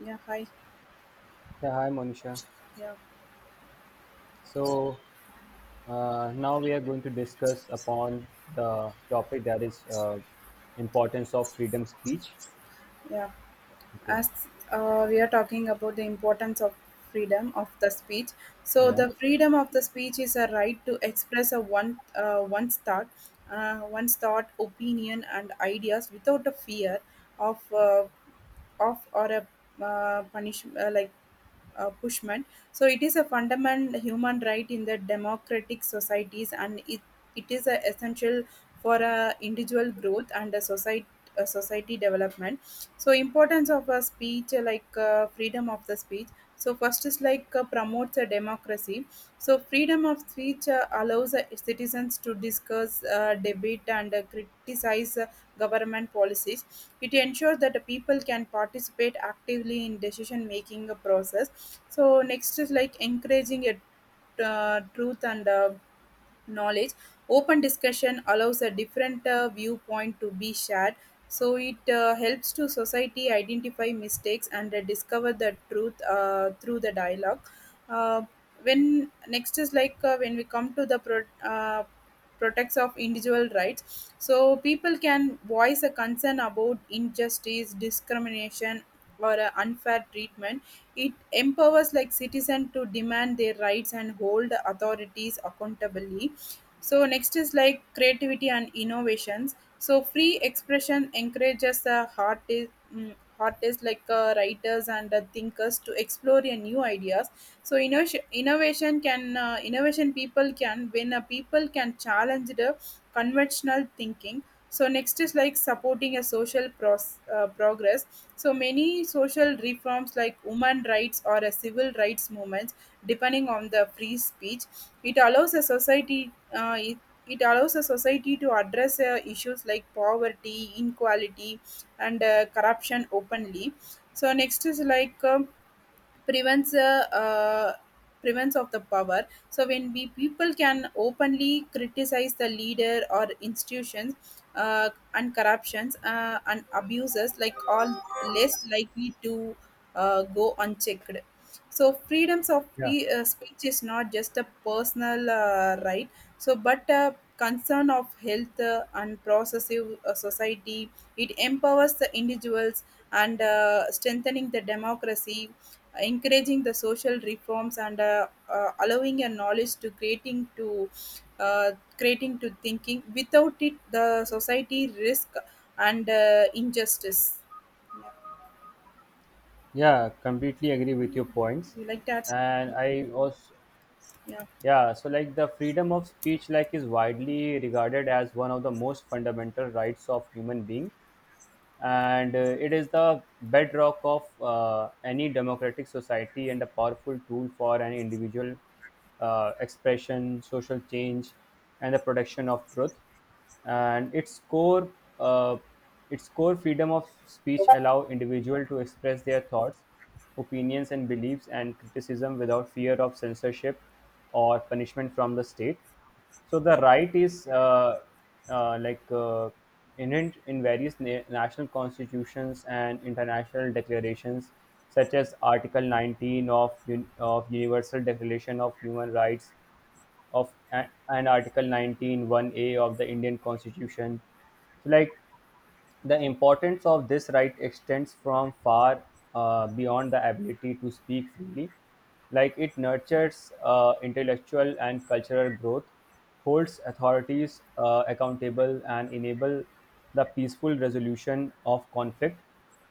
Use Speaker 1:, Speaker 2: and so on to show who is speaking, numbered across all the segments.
Speaker 1: Yeah, hi.
Speaker 2: Yeah, hi Monisha.
Speaker 1: Yeah,
Speaker 2: So now we are going to discuss upon the topic that is importance of freedom speech.
Speaker 1: yeah.
Speaker 2: Okay.
Speaker 1: As we are talking about the importance of freedom of the speech, so
Speaker 2: Yeah.
Speaker 1: the freedom of the speech is a right to express a one's thought, one's thought, opinion, and ideas without a fear of uh, of or a punishment, like Bushman. So it is a fundamental human right in the democratic societies, and it is a essential for individual growth and a society development. So importance of a speech like freedom of the speech. So first is like promotes a democracy. So freedom of speech allows citizens to discuss, debate, and criticize government policies. It ensures that the people can participate actively in decision making process. So next is like encouraging a truth and knowledge. Open discussion allows a different viewpoint to be shared, so it helps to society identify mistakes and discover the truth through the dialogue. Uh, when next is like when we come to the uh, protects of individual rights, so people can voice a concern about injustice discrimination or unfair treatment. It empowers like citizen to demand their rights and hold authorities accountably. So next is like creativity and innovations. So free expression encourages artists, mm, artists like writers and thinkers to explore new ideas. So innovation people can when people can challenge the conventional thinking. So next is like supporting a social progress. So many social reforms like women rights or a civil rights movements, depending on the free speech, it allows a society uh, it, it allows a society to address issues like poverty, inequality, and corruption openly. So next is like prevents uh, uh, prevents of the power. So when we people can openly criticize the leader or institutions and corruptions and abuses like all less likely to go unchecked. So freedoms of
Speaker 2: Yeah.
Speaker 1: pe- uh, speech is not just a personal right, so but a concern of health and processive society. It empowers the individuals and strengthening the democracy, encouraging the social reforms and allowing a knowledge to creating to uh, creating to thinking without it the society risk and injustice. Yeah.
Speaker 2: Yeah, completely agree with your points,
Speaker 1: You like that?
Speaker 2: and I also,
Speaker 1: Yeah,
Speaker 2: yeah. So, like, the freedom of speech like is widely regarded as one of the most fundamental rights of human being, and it is the bedrock of any democratic society and a powerful tool for an individual expression, social change, and the protection of truth. And its core, uh, its core, freedom of speech allow individual to express their thoughts, opinions, and beliefs and criticism without fear of censorship or punishment from the state. So the right is uh, like uh, inherent in various national constitutions and international declarations, such as Article 19 of Universal Declaration of Human Rights and Article 19 one a of the Indian Constitution. So, like, the importance of this right extends from far beyond the ability to speak freely. Like, it nurtures intellectual and cultural growth, holds authorities accountable, and enable the peaceful resolution of conflict.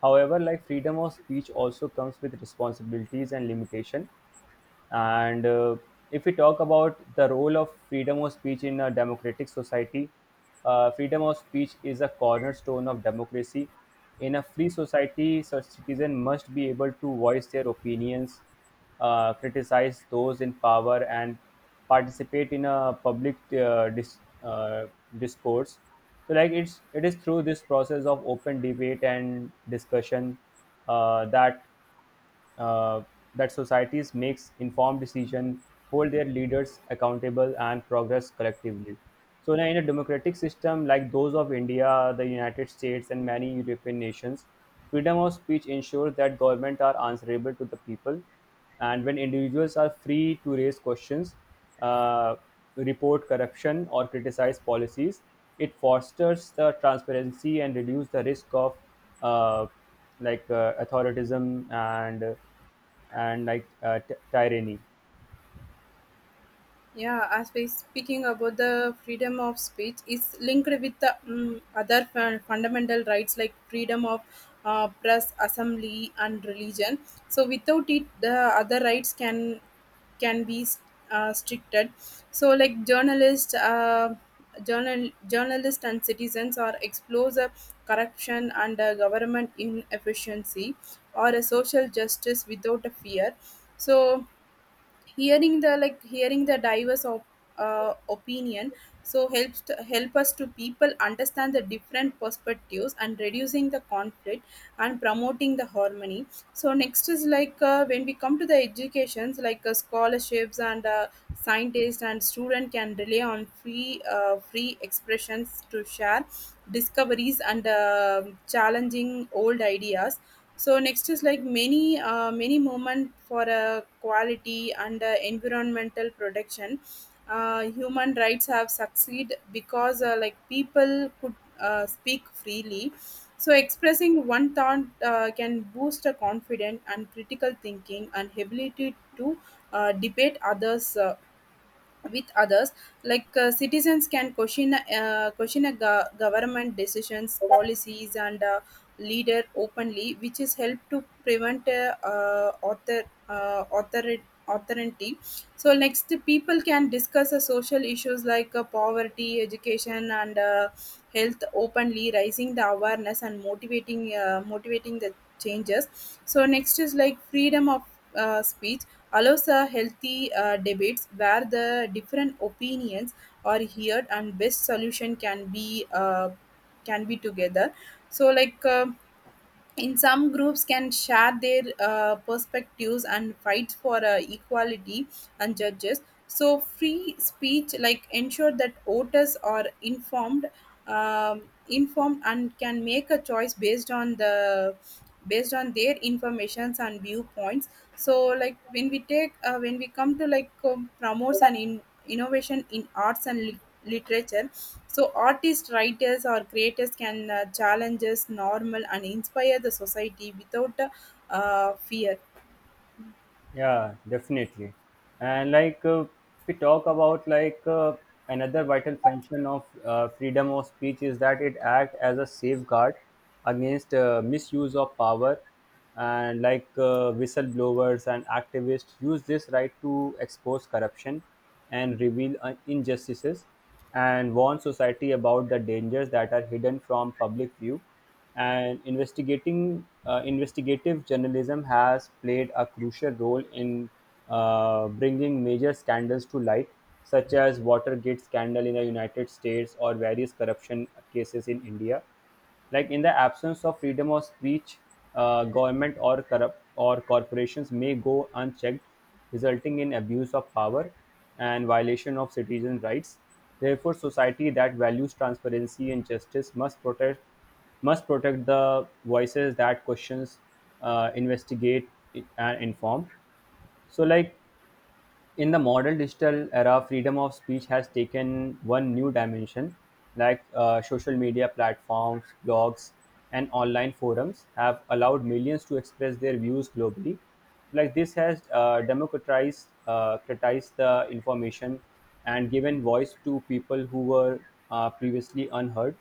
Speaker 2: However, like, freedom of speech also comes with responsibilities and limitation. And If we talk about the role of freedom of speech in a democratic society, freedom of speech is a cornerstone of democracy. In a free society, such citizens must be able to voice their opinions, criticize those in power, and participate in a public discourse. So, like, it is through this process of open debate and discussion uh, that uh, that societies makes informed decision, hold their leaders accountable, and progress collectively. So now, in a democratic system like those of India, the United States, and many European nations, freedom of speech ensures that government are answerable to the people, and when individuals are free to raise questions, uh, report corruption or criticize policies. It fosters the transparency and reduce the risk of uh, authoritism and tyranny.
Speaker 1: yeah. As we speaking about the freedom of speech is linked with the mm other fundamental rights like freedom of press assembly and religion. So without it the other rights can can be stricted. So like journalists, journalists and citizens are exposed to corruption and government inefficiency or a social justice without a fear. So hearing the like hearing the diverse of opinion so helps to help us to people understand the different perspectives and reducing the conflict and promoting the harmony. So next is like when we come to the educations like scholarships and scientists and student can rely on free expressions to share discoveries and challenging old ideas. So next is like many movement for quality and environmental protection human rights have succeed because like people could speak freely. So expressing one thought can boost a confident and critical thinking and ability to debate others with others. Like citizens can question a government decisions policies and leader openly, which is help to prevent uh, author authority. So next people can discuss social issues like poverty education and health openly, raising the awareness and motivating the changes. So next is like freedom of speech allows a healthy debates where the different opinions are heard and best solution can be together. So like in some groups can share their perspectives and fights for equality and judges. So free speech like ensure that voters are informed, um, informed and can make a choice based on the based on their informations and viewpoints. So like when we come to like promotes and innovation in arts and literature. So artists, writers, or creators can challenge us normal and inspire the society without fear.
Speaker 2: Yeah, definitely. And we talk about another vital function of freedom of speech is that it acts as a safeguard against misuse of power. And whistleblowers and activists use this right to expose corruption and reveal injustices and warn society about the dangers that are hidden from public view. And investigating investigative journalism has played a crucial role in bringing major scandals to light, such as Watergate scandal in the United States or various corruption cases in India. Like, in the absence of freedom of speech, government or corrupt or corporations may go unchecked, resulting in abuse of power and violation of citizen rights. Therefore, society that values transparency and justice must protect the voices that questions, investigate, and inform. So, like, in the modern digital era, freedom of speech has taken one new dimension, like social media platforms, blogs, and online forums have allowed millions to express their views globally. Like, this has democratized the information and given voice to people who were previously unheard.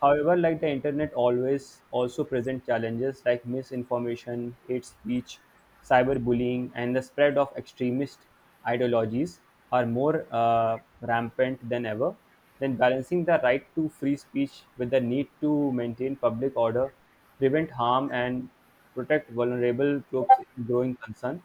Speaker 2: However, like, the internet always also present challenges like misinformation, hate speech, cyberbullying, and the spread of extremist ideologies are more rampant than ever. Then balancing the right to free speech with the need to maintain public order, prevent harm, and protect vulnerable groups is a growing concern.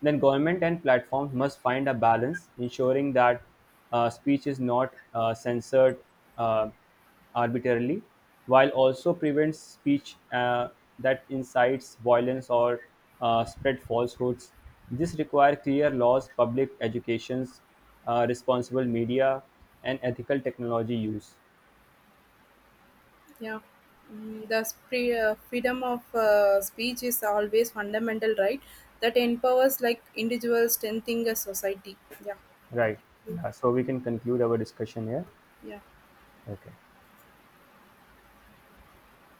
Speaker 2: Then government and platforms must find a balance, ensuring that speech is not censored uh, arbitrarily, while also prevents speech that incites violence or spread falsehoods. This requires clear laws, public educations, responsible media, and ethical technology use.
Speaker 1: Yeah, mm, the freedom of speech is always fundamental right that empowers like individuals, strengthening a society. Yeah,
Speaker 2: Right. Yeah. So we can conclude our discussion here.
Speaker 1: yeah.
Speaker 2: Okay.